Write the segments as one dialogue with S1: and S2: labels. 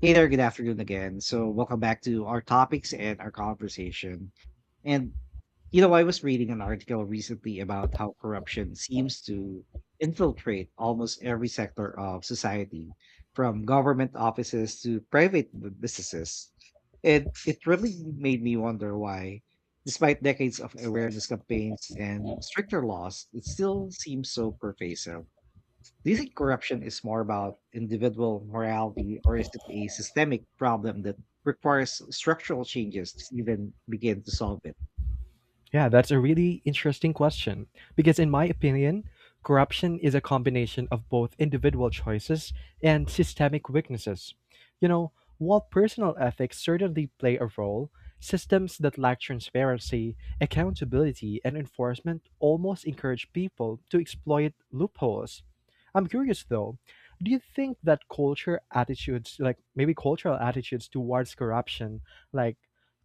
S1: Hey there, good afternoon again. So, welcome back to our topics and our conversation. And, you know, I was reading an article recently about how corruption seems to infiltrate almost every sector of society, from government offices to private businesses. And it really made me wonder why, despite decades of awareness campaigns and stricter laws, it still seems so pervasive. Do you think corruption is more about individual morality or is it a systemic problem that requires structural changes to even begin to solve it?
S2: Yeah, that's a really interesting question. Because, in my opinion, corruption is a combination of both individual choices and systemic weaknesses. You know, while personal ethics certainly play a role, systems that lack transparency, accountability, and enforcement almost encourage people to exploit loopholes. I'm curious though, do you think that culture attitudes, like maybe cultural attitudes towards corruption, like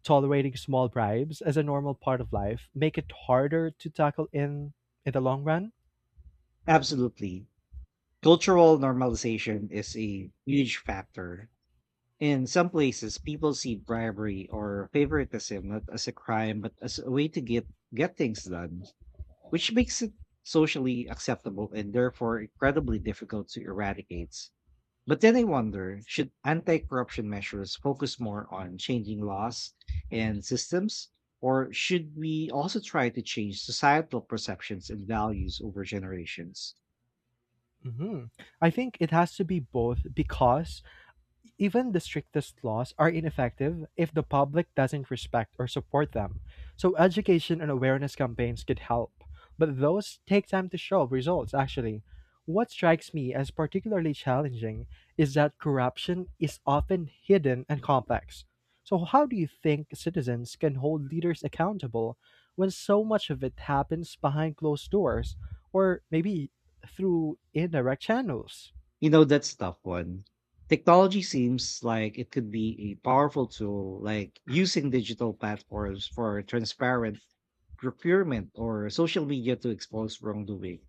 S2: tolerating small bribes as a normal part of life make it harder to tackle in the long run?
S1: Absolutely. Cultural normalization is a huge factor. In some places, people see bribery or favoritism not as a crime, but as a way to get things done, which makes it socially acceptable and therefore incredibly difficult to eradicate. But then I wonder should anti corruption measures focus more on changing laws and systems? Or should we also try to change societal perceptions and values over generations?
S2: Hmm, I think it has to be both because even the strictest laws are ineffective if the public doesn't respect or support them. So, education and awareness campaigns could help, but those take time to show results, actually. What strikes me as particularly challenging is that corruption is often hidden and complex. So, how do you think citizens can hold leaders accountable when so much of it happens behind closed doors or maybe through indirect channels?
S1: You know, that's a tough one. Technology seems like it could be a powerful tool, like using digital platforms for transparent procurement or social media to expose wrongdoing.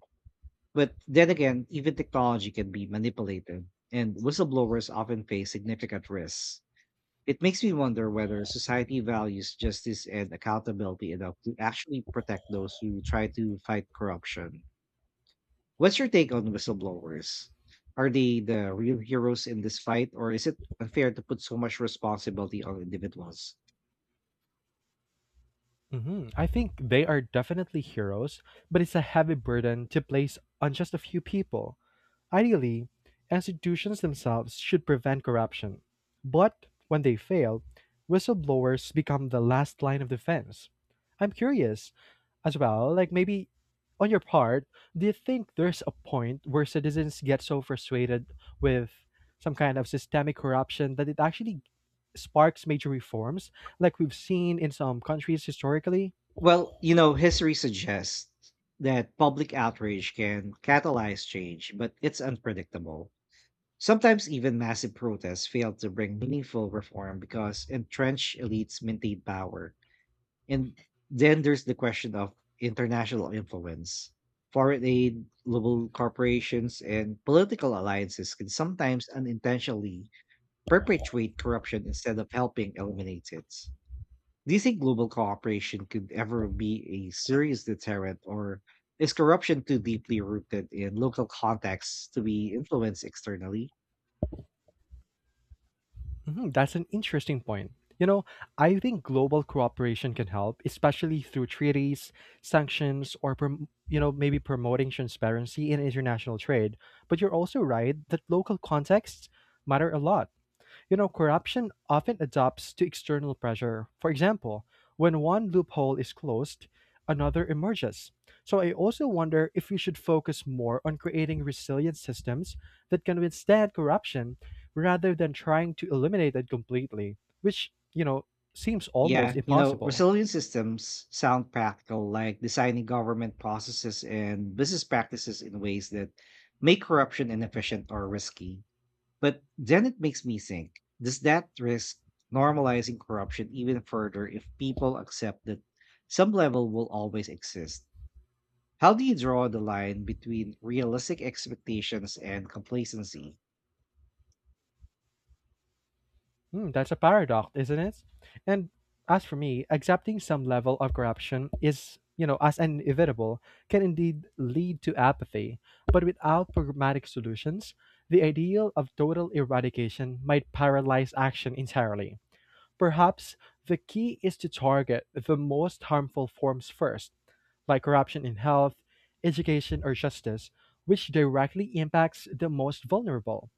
S1: But then again, even technology can be manipulated, and whistleblowers often face significant risks. It makes me wonder whether society values justice and accountability enough to actually protect those who try to fight corruption. What's your take on whistleblowers? Are they the real heroes in this fight, or is it unfair to put so much responsibility on individuals?
S2: Hmm, I think they are definitely heroes, but it's a heavy burden to place on just a few people. Ideally, institutions themselves should prevent corruption. But when they fail, whistleblowers become the last line of defense. I'm curious as well, like maybe on your part, do you think there's a point where citizens get so frustrated with some kind of systemic corruption that it actually sparks major reforms, like we've seen in some countries historically?
S1: History suggests that public outrage can catalyze change, but it's unpredictable. Sometimes even massive protests failed to bring meaningful reform because entrenched elites maintained power. And then there's the question of international influence. Foreign aid, global corporations, and political alliances can sometimes unintentionally perpetuate corruption instead of helping eliminate it. Do you think global cooperation could ever be a serious deterrent, or is corruption too deeply rooted in local contexts to be influenced externally?
S2: Mhm, that's an interesting point. You know, I think global cooperation can help, especially through treaties, sanctions, or you know maybe promoting transparency in international trade. But you're also right that local contexts matter a lot. You know, corruption often adapts to external pressure. For example, when one loophole is closed, another emerges. So I also wonder if we should focus more on creating resilient systems that can withstand corruption rather than trying to eliminate it completely, which, you know, seems almost impossible.
S1: Resilient systems sound practical, like designing government processes and business practices in ways that make corruption inefficient or risky. But then it makes me think does that risk normalizing corruption even further if people accept that some level will always exist? How do you draw the line between realistic expectations and complacency?
S2: Hmm, that's a paradox, isn't it? And as for me, accepting some level of corruption is, you know, as inevitable, can indeed lead to apathy. But without pragmatic solutions, the ideal of total eradication might paralyze action entirely. Perhaps the key is to target the most harmful forms first, like corruption in health, education, or justice, which directly impacts the most vulnerable.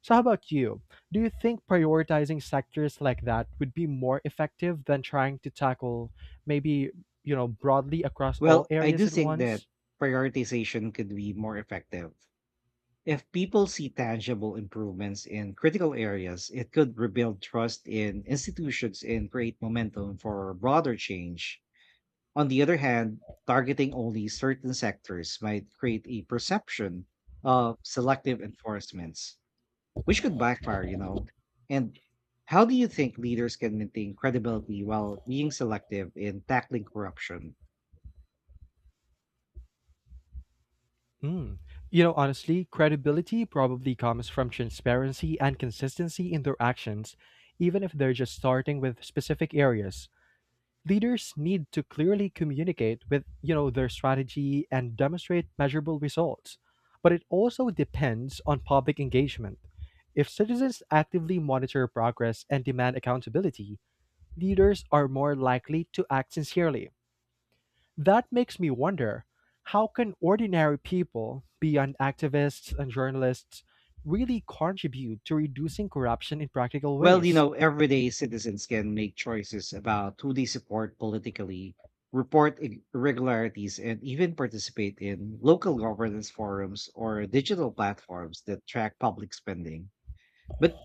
S2: So, how about you? Do you think prioritizing sectors like that would be more effective than trying to tackle maybe, you know, broadly across all
S1: I
S2: areas
S1: do
S2: at
S1: think that
S2: once?
S1: prioritization could be more effective. If people see tangible improvements in critical areas, it could rebuild trust in institutions and create momentum for broader change. On the other hand, targeting only certain sectors might create a perception of selective enforcements, which could backfire. And how do you think leaders can maintain credibility while being selective in tackling corruption?
S2: Mm. You know, honestly, credibility probably comes from transparency and consistency in their actions, even if they're just starting with specific areas. Leaders need to clearly communicate with you know their strategy and demonstrate measurable results, but it also depends on public engagement. If citizens actively monitor progress and demand accountability, leaders are more likely to act sincerely. That makes me wonder, how can ordinary people beyond activists and journalists really contribute to reducing corruption in practical ways?
S1: Everyday citizens can make choices about who they support politically, report irregularities, and even participate in local governance forums or digital platforms that track public spending. But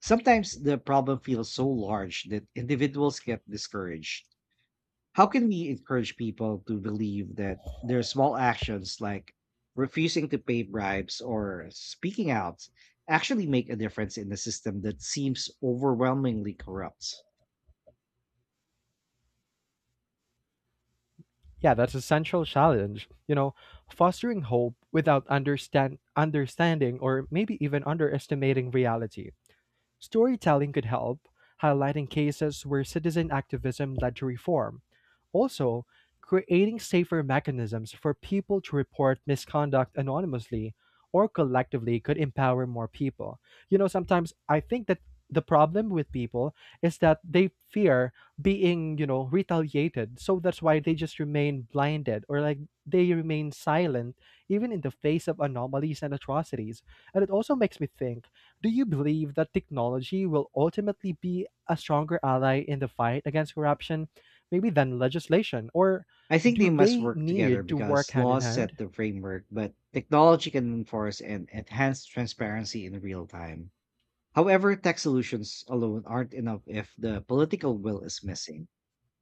S1: sometimes the problem feels so large that individuals get discouraged. How can we encourage people to believe that their small actions like refusing to pay bribes or speaking out actually make a difference in a system that seems overwhelmingly corrupt?
S2: Yeah, that's a central challenge. You know, fostering hope without understanding or maybe even underestimating reality. Storytelling could help, highlighting cases where citizen activism led to reform. Also, creating safer mechanisms for people to report misconduct anonymously or collectively could empower more people. You know, sometimes I think that the problem with people is that they fear being, you know, retaliated. So that's why they just remain blinded or like they remain silent even in the face of anomalies and atrocities. And it also makes me think, do you believe that technology will ultimately be a stronger ally in the fight against corruption, maybe than legislation? Or
S1: I think they
S2: do
S1: must
S2: they
S1: work together
S2: need to work
S1: because
S2: hand in
S1: laws
S2: hand?
S1: set the framework, but technology can enforce and enhance transparency in real time. However, tech solutions alone aren't enough if the political will is missing.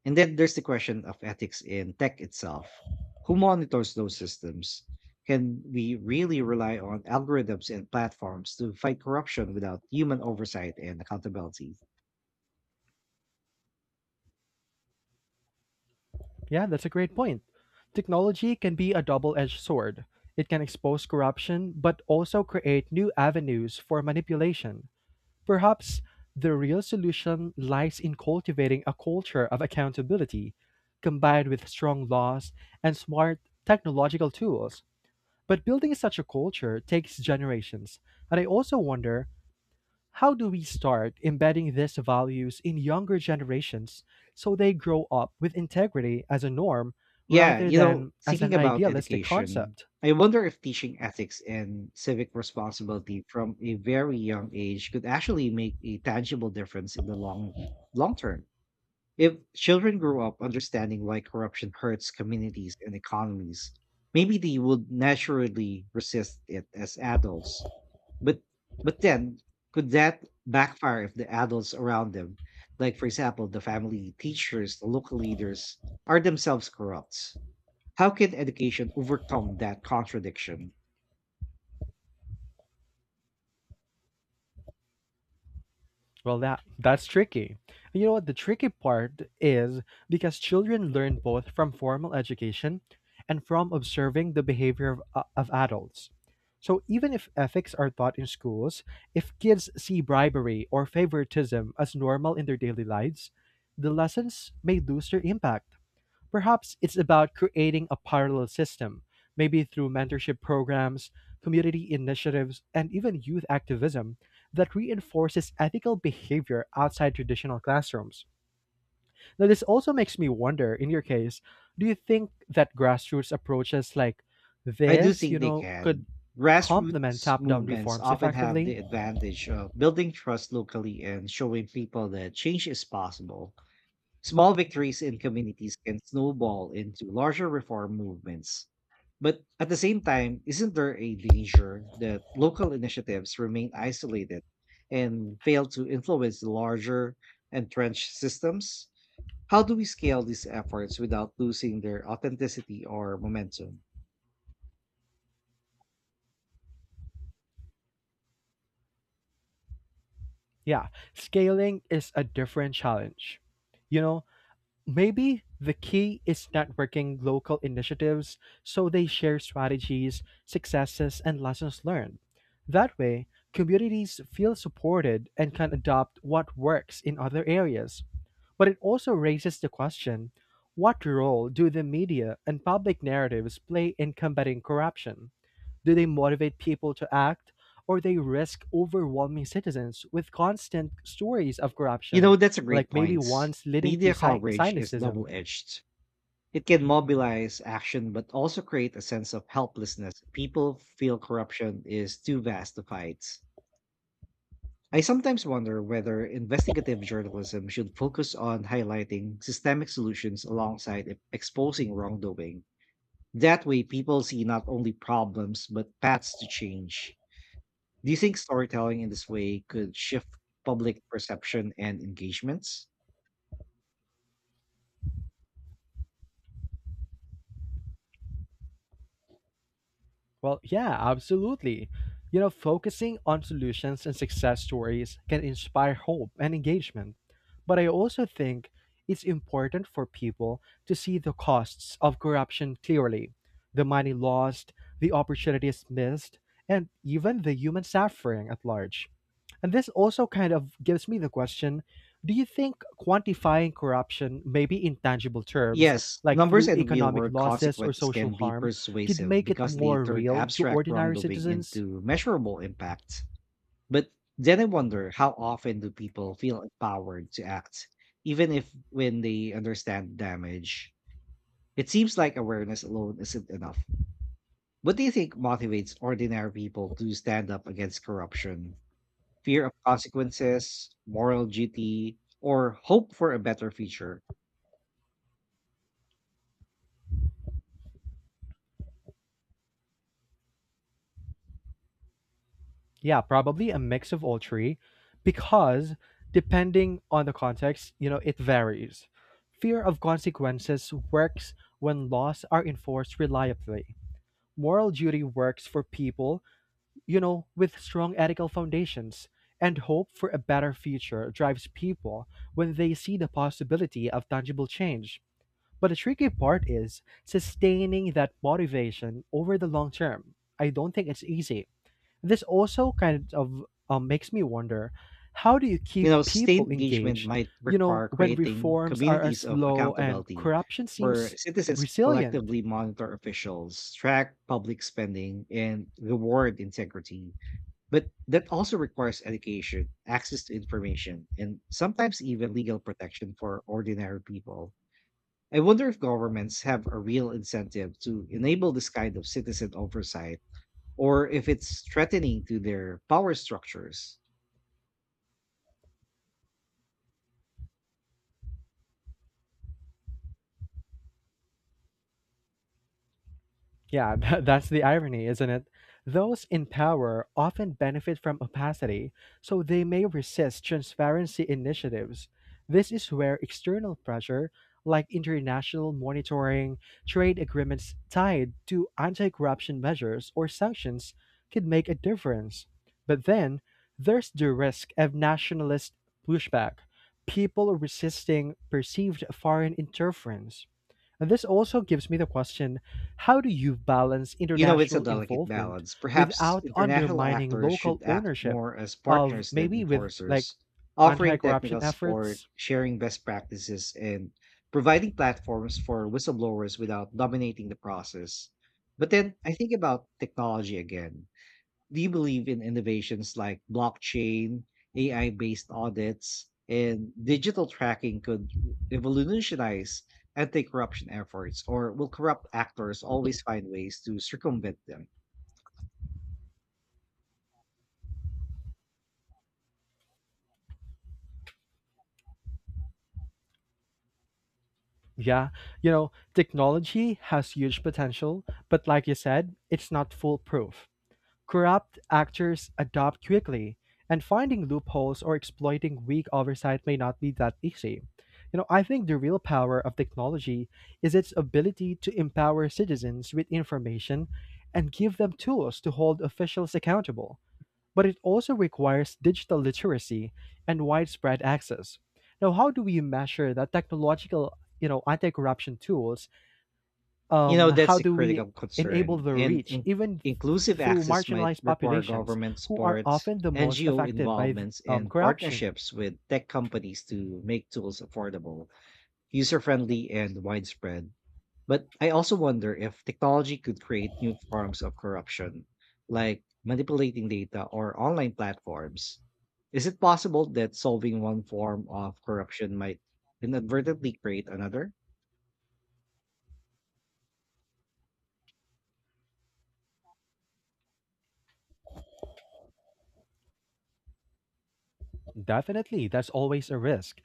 S1: And then there's the question of ethics in tech itself. Who monitors those systems? Can we really rely on algorithms and platforms to fight corruption without human oversight and accountability?
S2: Yeah, that's a great point. Technology can be a double edged sword. It can expose corruption, but also create new avenues for manipulation. Perhaps the real solution lies in cultivating a culture of accountability, combined with strong laws and smart technological tools. But building such a culture takes generations. And I also wonder, how do we start embedding these values in younger generations so they grow up with integrity as a norm rather than as
S1: Thinking
S2: an
S1: about
S2: idealistic
S1: education,
S2: concept?
S1: I wonder if teaching ethics and civic responsibility from a very young age could actually make a tangible difference in the long term. If children grow up understanding why corruption hurts communities and economies, maybe they would naturally resist it as adults. But then could that backfire if the adults around them, like for example the family, teachers, the local leaders, are themselves corrupt? How can education overcome that contradiction?
S2: Well, that's tricky. You know what? The tricky part is because children learn both from formal education and from observing the behavior of adults. So even if ethics are taught in schools, if kids see bribery or favoritism as normal in their daily lives, the lessons may lose their impact. Perhaps it's about creating a parallel system, maybe through mentorship programs, community initiatives, and even youth activism that reinforces ethical behavior outside traditional classrooms. Now, this also makes me wonder, in your case, do you think that grassroots approaches like
S1: I do
S2: this, you
S1: think they
S2: know, could
S1: can.
S2: complement
S1: Grassroots
S2: top down
S1: movements
S2: reforms
S1: often have
S2: effectively?
S1: the advantage of building trust locally and showing people that change is possible. Small victories in communities can snowball into larger reform movements. But at the same time, isn't there a danger that local initiatives remain isolated and fail to influence the larger entrenched systems? How do we scale these efforts without losing their authenticity or momentum?
S2: Yeah, scaling is a different challenge. You know, maybe the key is networking local initiatives so they share strategies, successes, and lessons learned. That way, communities feel supported and can adopt what works in other areas. But it also raises the question, what role do the media and public narratives play in combating corruption? Do they motivate people to act, or they risk overwhelming citizens with constant stories of
S1: You
S2: corruption,
S1: know, that's a great
S2: like maybe
S1: point.
S2: once leading to
S1: Media coverage is double
S2: cynicism?
S1: edged. It can mobilize action, but also create a sense of helplessness. People feel corruption is too vast to fight. I sometimes wonder whether investigative journalism should focus on highlighting systemic solutions alongside exposing wrongdoing. That way, people see not only problems, but paths to change. Do you think storytelling in this way could shift public perception and engagements?
S2: Well, yeah, absolutely. You know, focusing on solutions and success stories can inspire hope and engagement. But I also think it's important for people to see the costs of corruption clearly, the money lost, the opportunities missed, and even the human suffering at large. And this also kind of gives me the question, do you think quantifying corruption, maybe in tangible terms,
S1: Yes,
S2: like
S1: numbers
S2: through
S1: and real
S2: economic
S1: world
S2: losses or
S1: consequences
S2: social
S1: can be
S2: harm, could
S1: persuasive
S2: make it
S1: because they
S2: more
S1: turn
S2: real to
S1: abstract
S2: ordinary
S1: wrongdoing
S2: citizens?
S1: into measurable impact. But then I wonder how often do people feel empowered to act, even if when they understand damage? It seems like awareness alone isn't enough. What do you think motivates ordinary people to stand up against corruption? Fear of consequences, moral duty, or hope for a better future?
S2: Yeah, probably a mix of all three, because depending on the context, you know, it varies. Fear of consequences works when laws are enforced reliably. Moral duty works for people, you know, with strong ethical foundations, and hope for a better future drives people when they see the possibility of tangible change. But the tricky part is sustaining that motivation over the long term. I don't think it's easy. This also kind of makes me wonder, how do you keep
S1: Sustained
S2: people
S1: engagement
S2: engaged,
S1: might
S2: you
S1: require
S2: know, when
S1: creating
S2: reforms are as
S1: communities of
S2: slow and
S1: accountability
S2: corruption
S1: where
S2: seems
S1: citizens
S2: resilient?
S1: collectively monitor officials, track public spending, and reward integrity. But that also requires education, access to information, and sometimes even legal protection for ordinary people. I wonder if governments have a real incentive to enable this kind of citizen oversight or if it's threatening to their power structures.
S2: Yeah, that's the irony, isn't it? Those in power often benefit from opacity, so they may resist transparency initiatives. This is where external pressure, like international monitoring, trade agreements tied to anti corruption measures, or sanctions, could make a difference. But then there's the risk of nationalist pushback, people resisting perceived foreign interference. And this also gives me the question, how do you balance
S1: You know, it's a
S2: international
S1: delicate
S2: involvement
S1: balance. Perhaps
S2: without
S1: international
S2: undermining
S1: actors should
S2: local
S1: act
S2: ownership
S1: more as
S2: of
S1: partners than
S2: maybe with like
S1: enforcers,
S2: anti
S1: offering
S2: corruption
S1: technical support,
S2: efforts?
S1: sharing best practices, and providing platforms for whistleblowers without dominating the process. But then I think about technology again. Do you believe in innovations like blockchain, AI based audits, and digital tracking could revolutionize anti corruption efforts, or will corrupt actors always find ways to circumvent them?
S2: Yeah, you know, technology has huge potential, but like you said, it's not foolproof. Corrupt actors adapt quickly, and finding loopholes or exploiting weak oversight may not be that easy. You know, I think the real power of technology is its ability to empower citizens with information and give them tools to hold officials accountable. But it also requires digital literacy and widespread access. Now, how do we measure that technological, you know, anti-corruption tools,
S1: You know, that's
S2: how
S1: a
S2: do we
S1: critical
S2: enable
S1: concern,
S2: the
S1: and
S2: reach, even
S1: inclusive
S2: through
S1: access might
S2: marginalized
S1: require
S2: populations
S1: government
S2: who are
S1: support.
S2: often the most
S1: NGO
S2: affected by
S1: involvements and
S2: corruption?
S1: partnerships with tech companies to make tools affordable, user friendly, and widespread. But I also wonder if technology could create new forms of corruption, like manipulating data or online platforms. Is it possible that solving one form of corruption might inadvertently create another?
S2: Definitely, that's always a risk.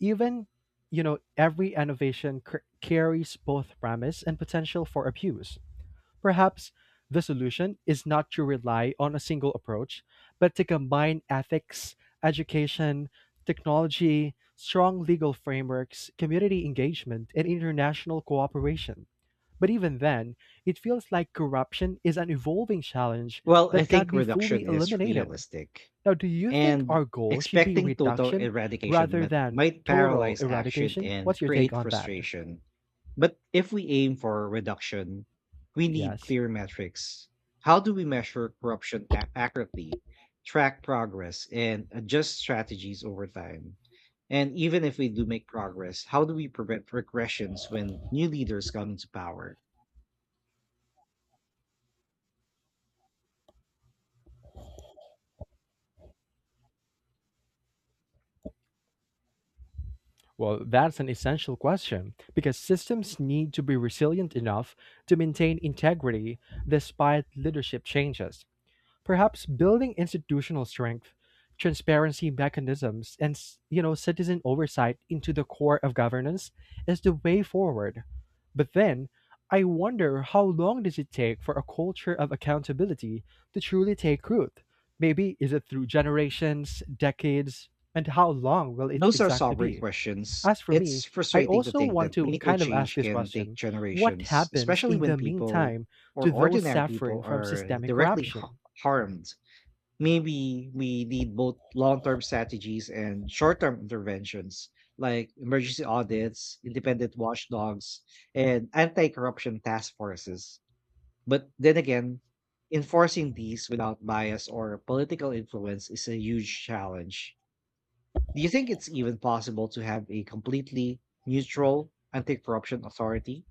S2: Even, you know, every innovation carries both promise and potential for abuse. Perhaps the solution is not to rely on a single approach, but to combine ethics, education, technology, strong legal frameworks, community engagement, and international cooperation. But even then, it feels like corruption is an evolving challenge
S1: Well, I
S2: that can't
S1: think
S2: be fully
S1: reduction is
S2: eliminated.
S1: realistic.
S2: Now, do you think our
S1: And
S2: goal should be
S1: expecting total
S2: reduction
S1: eradication
S2: rather than
S1: might
S2: total
S1: paralyze action
S2: eradication?
S1: and
S2: What's your take
S1: create
S2: on that?
S1: frustration. But if we aim for reduction, we need
S2: Yes.
S1: clear metrics. How do we measure corruption accurately, track progress, and adjust strategies over time? And even if we do make progress, how do we prevent regressions when new leaders come into power?
S2: Well, that's an essential question because systems need to be resilient enough to maintain integrity despite leadership changes. Perhaps building institutional strength, transparency mechanisms, and you know citizen oversight into the core of governance is the way forward. But then, I wonder, how long does it take for a culture of accountability to truly take root? Maybe is it through generations, decades, and how long will it
S1: Those are
S2: exactly
S1: sobering
S2: be?
S1: questions.
S2: As for
S1: It's
S2: me, I
S1: frustrating to
S2: also
S1: think
S2: want
S1: that
S2: to
S1: meaningful
S2: kind of ask
S1: change
S2: this
S1: can take
S2: question. What
S1: generations,
S2: happens
S1: especially
S2: in
S1: when
S2: the
S1: people
S2: meantime
S1: or
S2: to those
S1: ordinary people
S2: suffering from
S1: are
S2: systemic
S1: directly
S2: corruption?
S1: harmed. Maybe we need both long term strategies and short term interventions, like emergency audits, independent watchdogs, and anti corruption task forces. But then again, enforcing these without bias or political influence is a huge challenge. Do you think it's even possible to have a completely neutral anti-corruption authority?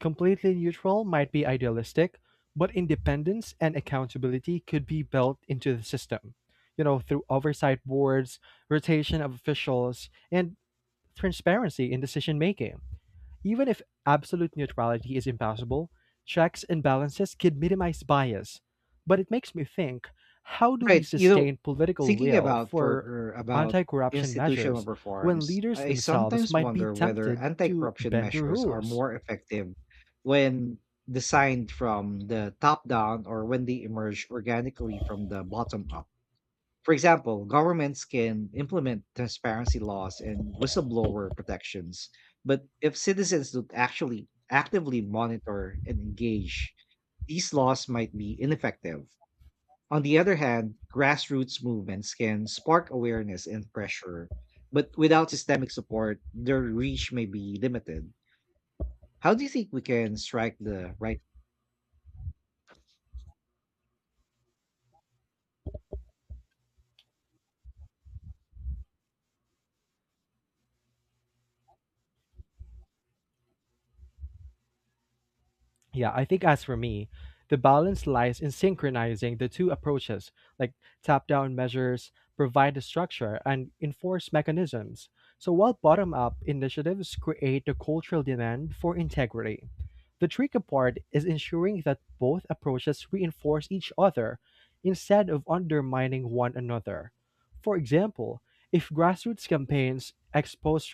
S2: Completely neutral might be idealistic, but independence and accountability could be built into the system, you know, through oversight boards, rotation of officials, and transparency in decision making. Even if absolute neutrality is impossible, checks and balances can minimize bias. But it makes me think, how do we
S1: Right. You know,
S2: sustain political
S1: thinking
S2: will
S1: about for
S2: for
S1: er, about
S2: anti corruption
S1: institutional
S2: measures when
S1: reforms,
S2: leaders
S1: I
S2: themselves
S1: sometimes
S2: might be
S1: wonder whether
S2: tempted to
S1: anti-corruption
S2: bend the
S1: measures are
S2: rules?
S1: more effective when designed from the top down or when they emerge organically from the bottom up. For example, governments can implement transparency laws and whistleblower protections, but if citizens don't actually actively monitor and engage, these laws might be ineffective. On the other hand, grassroots movements can spark awareness and pressure, but without systemic support, their reach may be limited. How do you think we can strike the right?
S2: Yeah, I think as for me, the balance lies in synchronizing the two approaches, like top down measures provide the structure and enforce mechanisms. So, while bottom up initiatives create the cultural demand for integrity, the tricky part is ensuring that both approaches reinforce each other instead of undermining one another. For example, if grassroots campaigns expose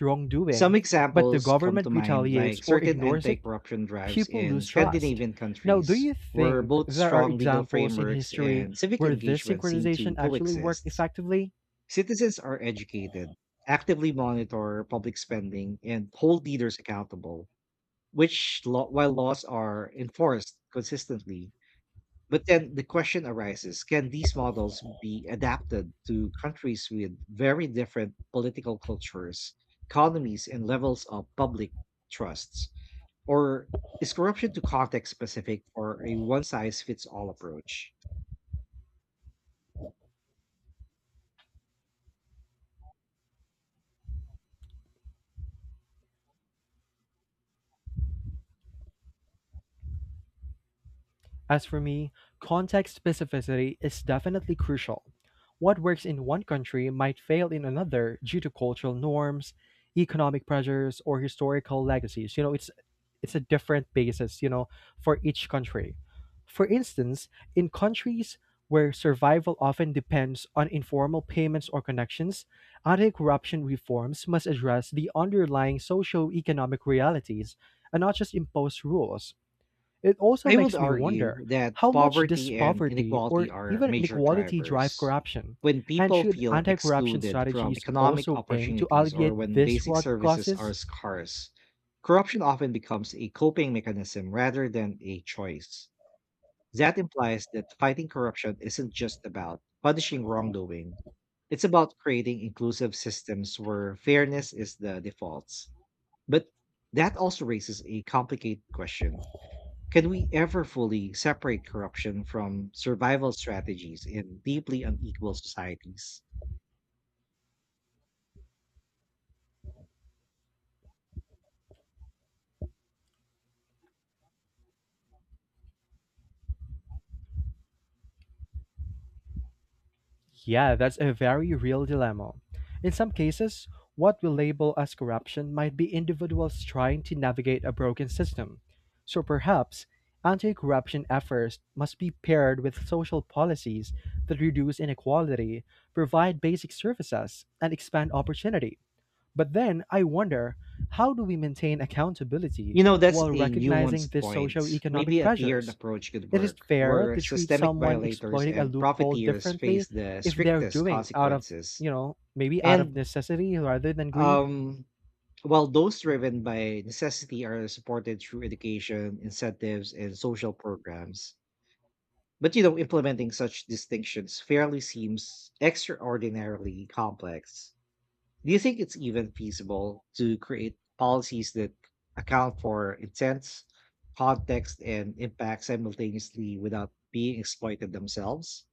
S1: Some
S2: wrongdoing, but the
S1: examples come to
S2: government
S1: mind,
S2: retaliates
S1: like
S2: or
S1: certain
S2: ignores
S1: anti
S2: it,
S1: corruption drives
S2: people
S1: in
S2: lose trust.
S1: Scandinavian
S2: Now, do
S1: countries,
S2: you
S1: where
S2: think
S1: both
S2: there are
S1: strong legal
S2: examples in
S1: frameworks
S2: history
S1: and civic
S2: where this
S1: engagement seem to
S2: synchronization actually worked
S1: coexist.
S2: effectively?
S1: Citizens are educated, actively monitor public spending, and hold leaders accountable, while laws are enforced consistently. But then the question arises, can these models be adapted to countries with very different political cultures, economies, and levels of public trusts? Or is corruption too context specific for a one size fits all approach?
S2: As for me, context specificity is definitely crucial. What works in one country might fail in another due to cultural norms, economic pressures, or historical legacies. You know, it's a different basis, you know, for each country. For instance, in countries where survival often depends on informal payments or connections, anti-corruption reforms must address the underlying socio-economic realities and not just impose rules. It also
S1: I would
S2: makes me
S1: argue
S2: wonder,
S1: that
S2: how much does
S1: poverty and
S2: poverty
S1: inequality
S2: or
S1: are
S2: even
S1: major
S2: inequality drive
S1: drivers.
S2: corruption?
S1: When
S2: And
S1: people
S2: should
S1: feel
S2: anti corruption
S1: excluded from
S2: strategies
S1: economic
S2: also aim to
S1: opportunities or
S2: alleviate
S1: when
S2: these
S1: basic
S2: root
S1: services are
S2: causes?
S1: scarce, corruption often becomes a coping mechanism rather than a choice. That implies that fighting corruption isn't just about punishing wrongdoing, it's about creating inclusive systems where fairness is the default. But that also raises a complicated question. Can we ever fully separate corruption from survival strategies in deeply unequal societies?
S2: Yeah, that's a very real dilemma. In some cases, what we label as corruption might be individuals trying to navigate a broken system. So perhaps anti corruption efforts must be paired with social policies that reduce inequality, provide basic services, and expand opportunity. But then I wonder, how do we maintain accountability
S1: You know, that's
S2: while
S1: a
S2: recognizing
S1: nuanced
S2: these
S1: point.
S2: socio-economic
S1: Maybe a tiered
S2: pressures?
S1: approach could
S2: It is
S1: work,
S2: fair
S1: where
S2: to treat
S1: systemic
S2: someone
S1: violators
S2: exploiting a
S1: and
S2: loophole
S1: profiteers face
S2: differently
S1: the
S2: if they're
S1: strictest
S2: doing out of,
S1: consequences.
S2: you know, maybe out of
S1: And
S2: necessity rather than greed.
S1: um, while those driven by necessity are supported through education, incentives, and social programs. But, you know, implementing such distinctions fairly seems extraordinarily complex. Do you think it's even feasible to create policies that account for intents, context, and impact simultaneously without being exploited themselves?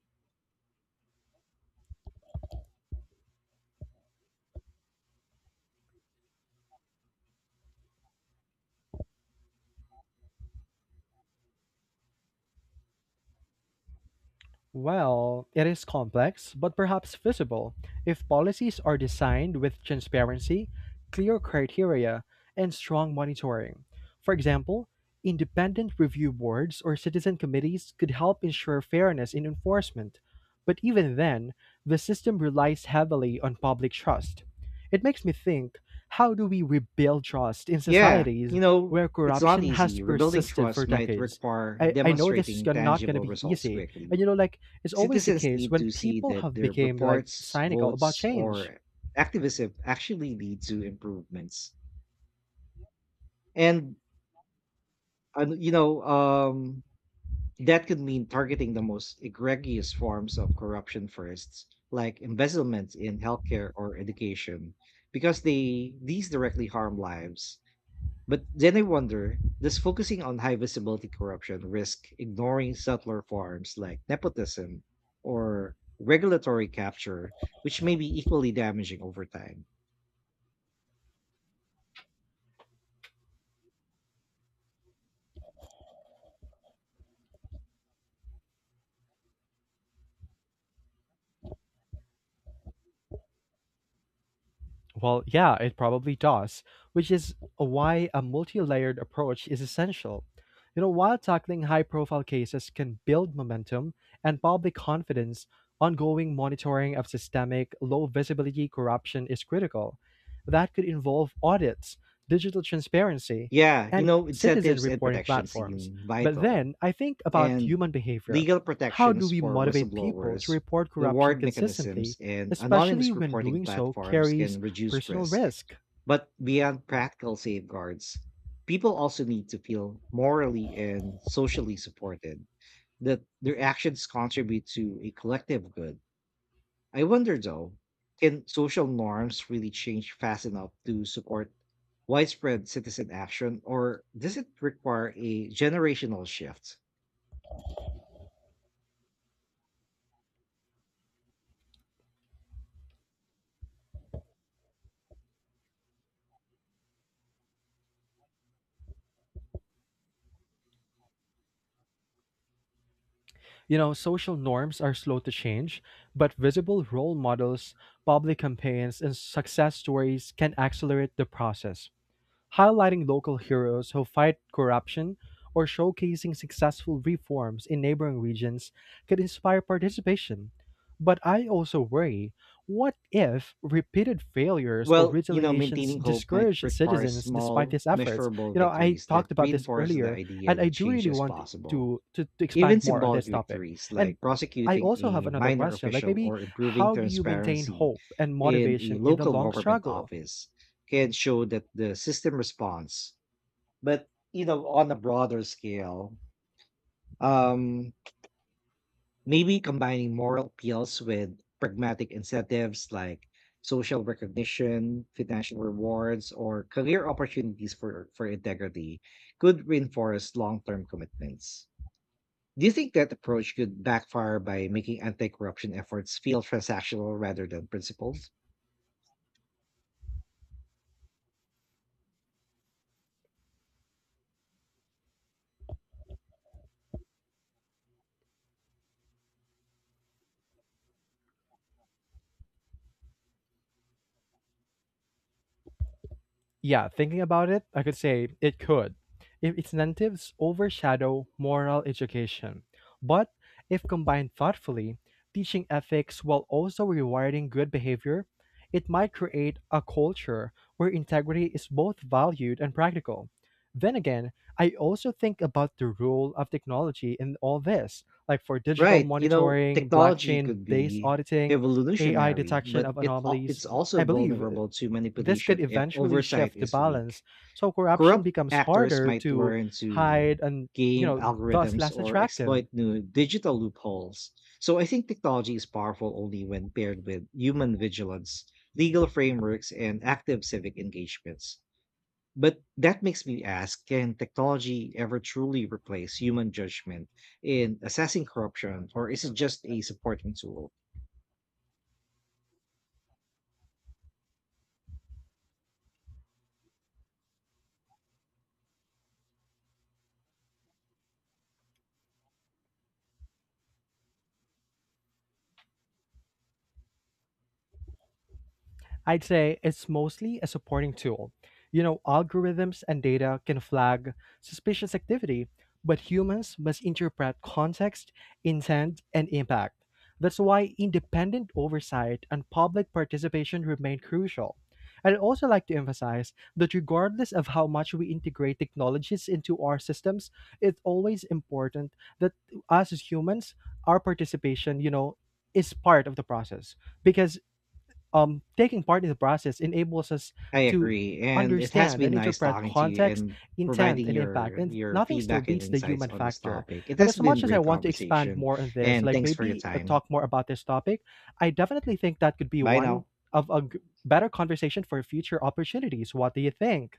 S2: Well, it is complex, but perhaps feasible, if policies are designed with transparency, clear criteria, and strong monitoring. For example, independent review boards or citizen committees could help ensure fairness in enforcement. But even then, the system relies heavily on public trust. It makes me think, how do we rebuild trust in
S1: Yeah, you
S2: societies
S1: know,
S2: where
S1: it's not
S2: corruption has
S1: easy. Rebuilding
S2: persisted for
S1: trust might
S2: decades?
S1: require
S2: I know this is
S1: demonstrating
S2: not going to
S1: tangible
S2: be
S1: results
S2: easy. And
S1: quickly.
S2: you know, like, is always the
S1: Citizens
S2: case
S1: need
S2: when
S1: to see
S2: people
S1: that
S2: have
S1: their
S2: become like
S1: reports,
S2: cynical about
S1: votes,
S2: change.
S1: or activism actually lead to improvements. And, uh, you know, um, That could mean targeting the most egregious forms of corruption first, like embezzlement in healthcare or education, because they these directly harm lives. But then I wonder, does focusing on high visibility corruption risk ignoring subtler forms like nepotism or regulatory capture, which may be equally damaging over time?
S2: Well, yeah, it probably does, which is why a multi layered approach is essential. You know, while tackling high profile cases can build momentum and public confidence, ongoing monitoring of systemic, low visibility corruption is critical. That could involve audits, digital transparency, and citizen
S1: Incentives and
S2: reporting
S1: protection
S2: platforms.
S1: seem
S2: But
S1: vital,
S2: then I think about
S1: and
S2: human behavior.
S1: legal
S2: How do
S1: protections
S2: we
S1: for
S2: motivate people to
S1: whistleblowers,
S2: report corruption
S1: reward mechanisms,
S2: consistently,
S1: and
S2: especially
S1: anonymous
S2: when
S1: reporting
S2: doing so
S1: platforms
S2: carries
S1: can reduce
S2: personal
S1: risk.
S2: risk.
S1: But beyond practical safeguards, people also need to feel morally and socially supported, that their actions contribute to a collective good. I wonder though, can social norms really change fast enough to support widespread citizen action, or does it require a generational shift?
S2: You know, social norms are slow to change, but visible role models, public campaigns, and success stories can accelerate the process. Highlighting local heroes who fight corruption or showcasing successful reforms in neighboring regions could inspire participation. But I also worry, what if repeated failures or retaliations
S1: Maintaining hope might
S2: discourage
S1: require
S2: citizens despite
S1: small,
S2: these efforts?
S1: measurable
S2: You know, I
S1: victories
S2: talked
S1: that
S2: about this
S1: reinforce the
S2: earlier, and
S1: idea
S2: I
S1: that
S2: do
S1: change
S2: really
S1: is
S2: want to,
S1: possible.
S2: to
S1: Even
S2: expand more on
S1: symbolic
S2: this topic.
S1: victories
S2: And
S1: like
S2: I
S1: prosecuting
S2: also have
S1: a
S2: another
S1: minor
S2: question like,
S1: official
S2: maybe
S1: or improving
S2: how do you maintain
S1: transparency
S2: hope and
S1: in a
S2: motivation in the
S1: local
S2: long
S1: government
S2: struggle?
S1: office can show that the system responds. But, on a broader scale, um, maybe combining moral appeals with pragmatic incentives like social recognition, financial rewards, or career opportunities for integrity could reinforce long term commitments. Do you think that approach could backfire by making anti corruption efforts feel transactional rather than principled?
S2: Yeah, thinking about it, I could say it could, if its incentives overshadow moral education. But if combined thoughtfully, teaching ethics while also rewarding good behavior, it might create a culture where integrity is both valued and practical. Then again, I also think about the role of technology in all this, like for digital
S1: Right. You know,
S2: monitoring,
S1: technology
S2: blockchain
S1: could
S2: based
S1: be
S2: auditing, AI
S1: evolutionary,
S2: detection
S1: but
S2: of
S1: it
S2: anomalies.
S1: it's also
S2: I believe
S1: vulnerable to
S2: this could
S1: manipulation if
S2: eventually
S1: oversight
S2: shift the
S1: is weak.
S2: balance so corruption
S1: Corrupt
S2: becomes
S1: actors
S2: harder
S1: might
S2: to
S1: learn to
S2: hide and, you
S1: game
S2: know, thus
S1: algorithms
S2: less
S1: or
S2: attractive.
S1: exploit new digital loopholes. So I think technology is powerful only when paired with human vigilance, legal frameworks, and active civic engagements. But that makes me ask can technology ever truly replace human judgment in assessing corruption, or is it just a supporting tool?
S2: I'd say it's mostly a supporting tool. You know, algorithms and data can flag suspicious activity, but humans must interpret context, intent, and impact. That's why independent oversight and public participation remain crucial. I'd also like to emphasize that regardless of how much we integrate technologies into our systems, it's always important that us as humans, our participation, you know, is part of the process because taking part in the process enables us
S1: I
S2: to
S1: agree, and it has
S2: understand
S1: been
S2: and
S1: nice
S2: interpret
S1: talking to you
S2: context,
S1: and
S2: intent,
S1: providing
S2: and impact. And
S1: your
S2: nothing still
S1: feedback and
S2: beats the
S1: insights
S2: human
S1: on this
S2: factor.
S1: topic. It
S2: And
S1: has
S2: as
S1: been
S2: much as I
S1: great
S2: want to expand
S1: conversation,
S2: more on this,
S1: and
S2: like
S1: thanks for your
S2: maybe
S1: time.
S2: talk more about this topic, I definitely think that could be
S1: Bye
S2: one
S1: now.
S2: of better conversation for future opportunities. What do you think?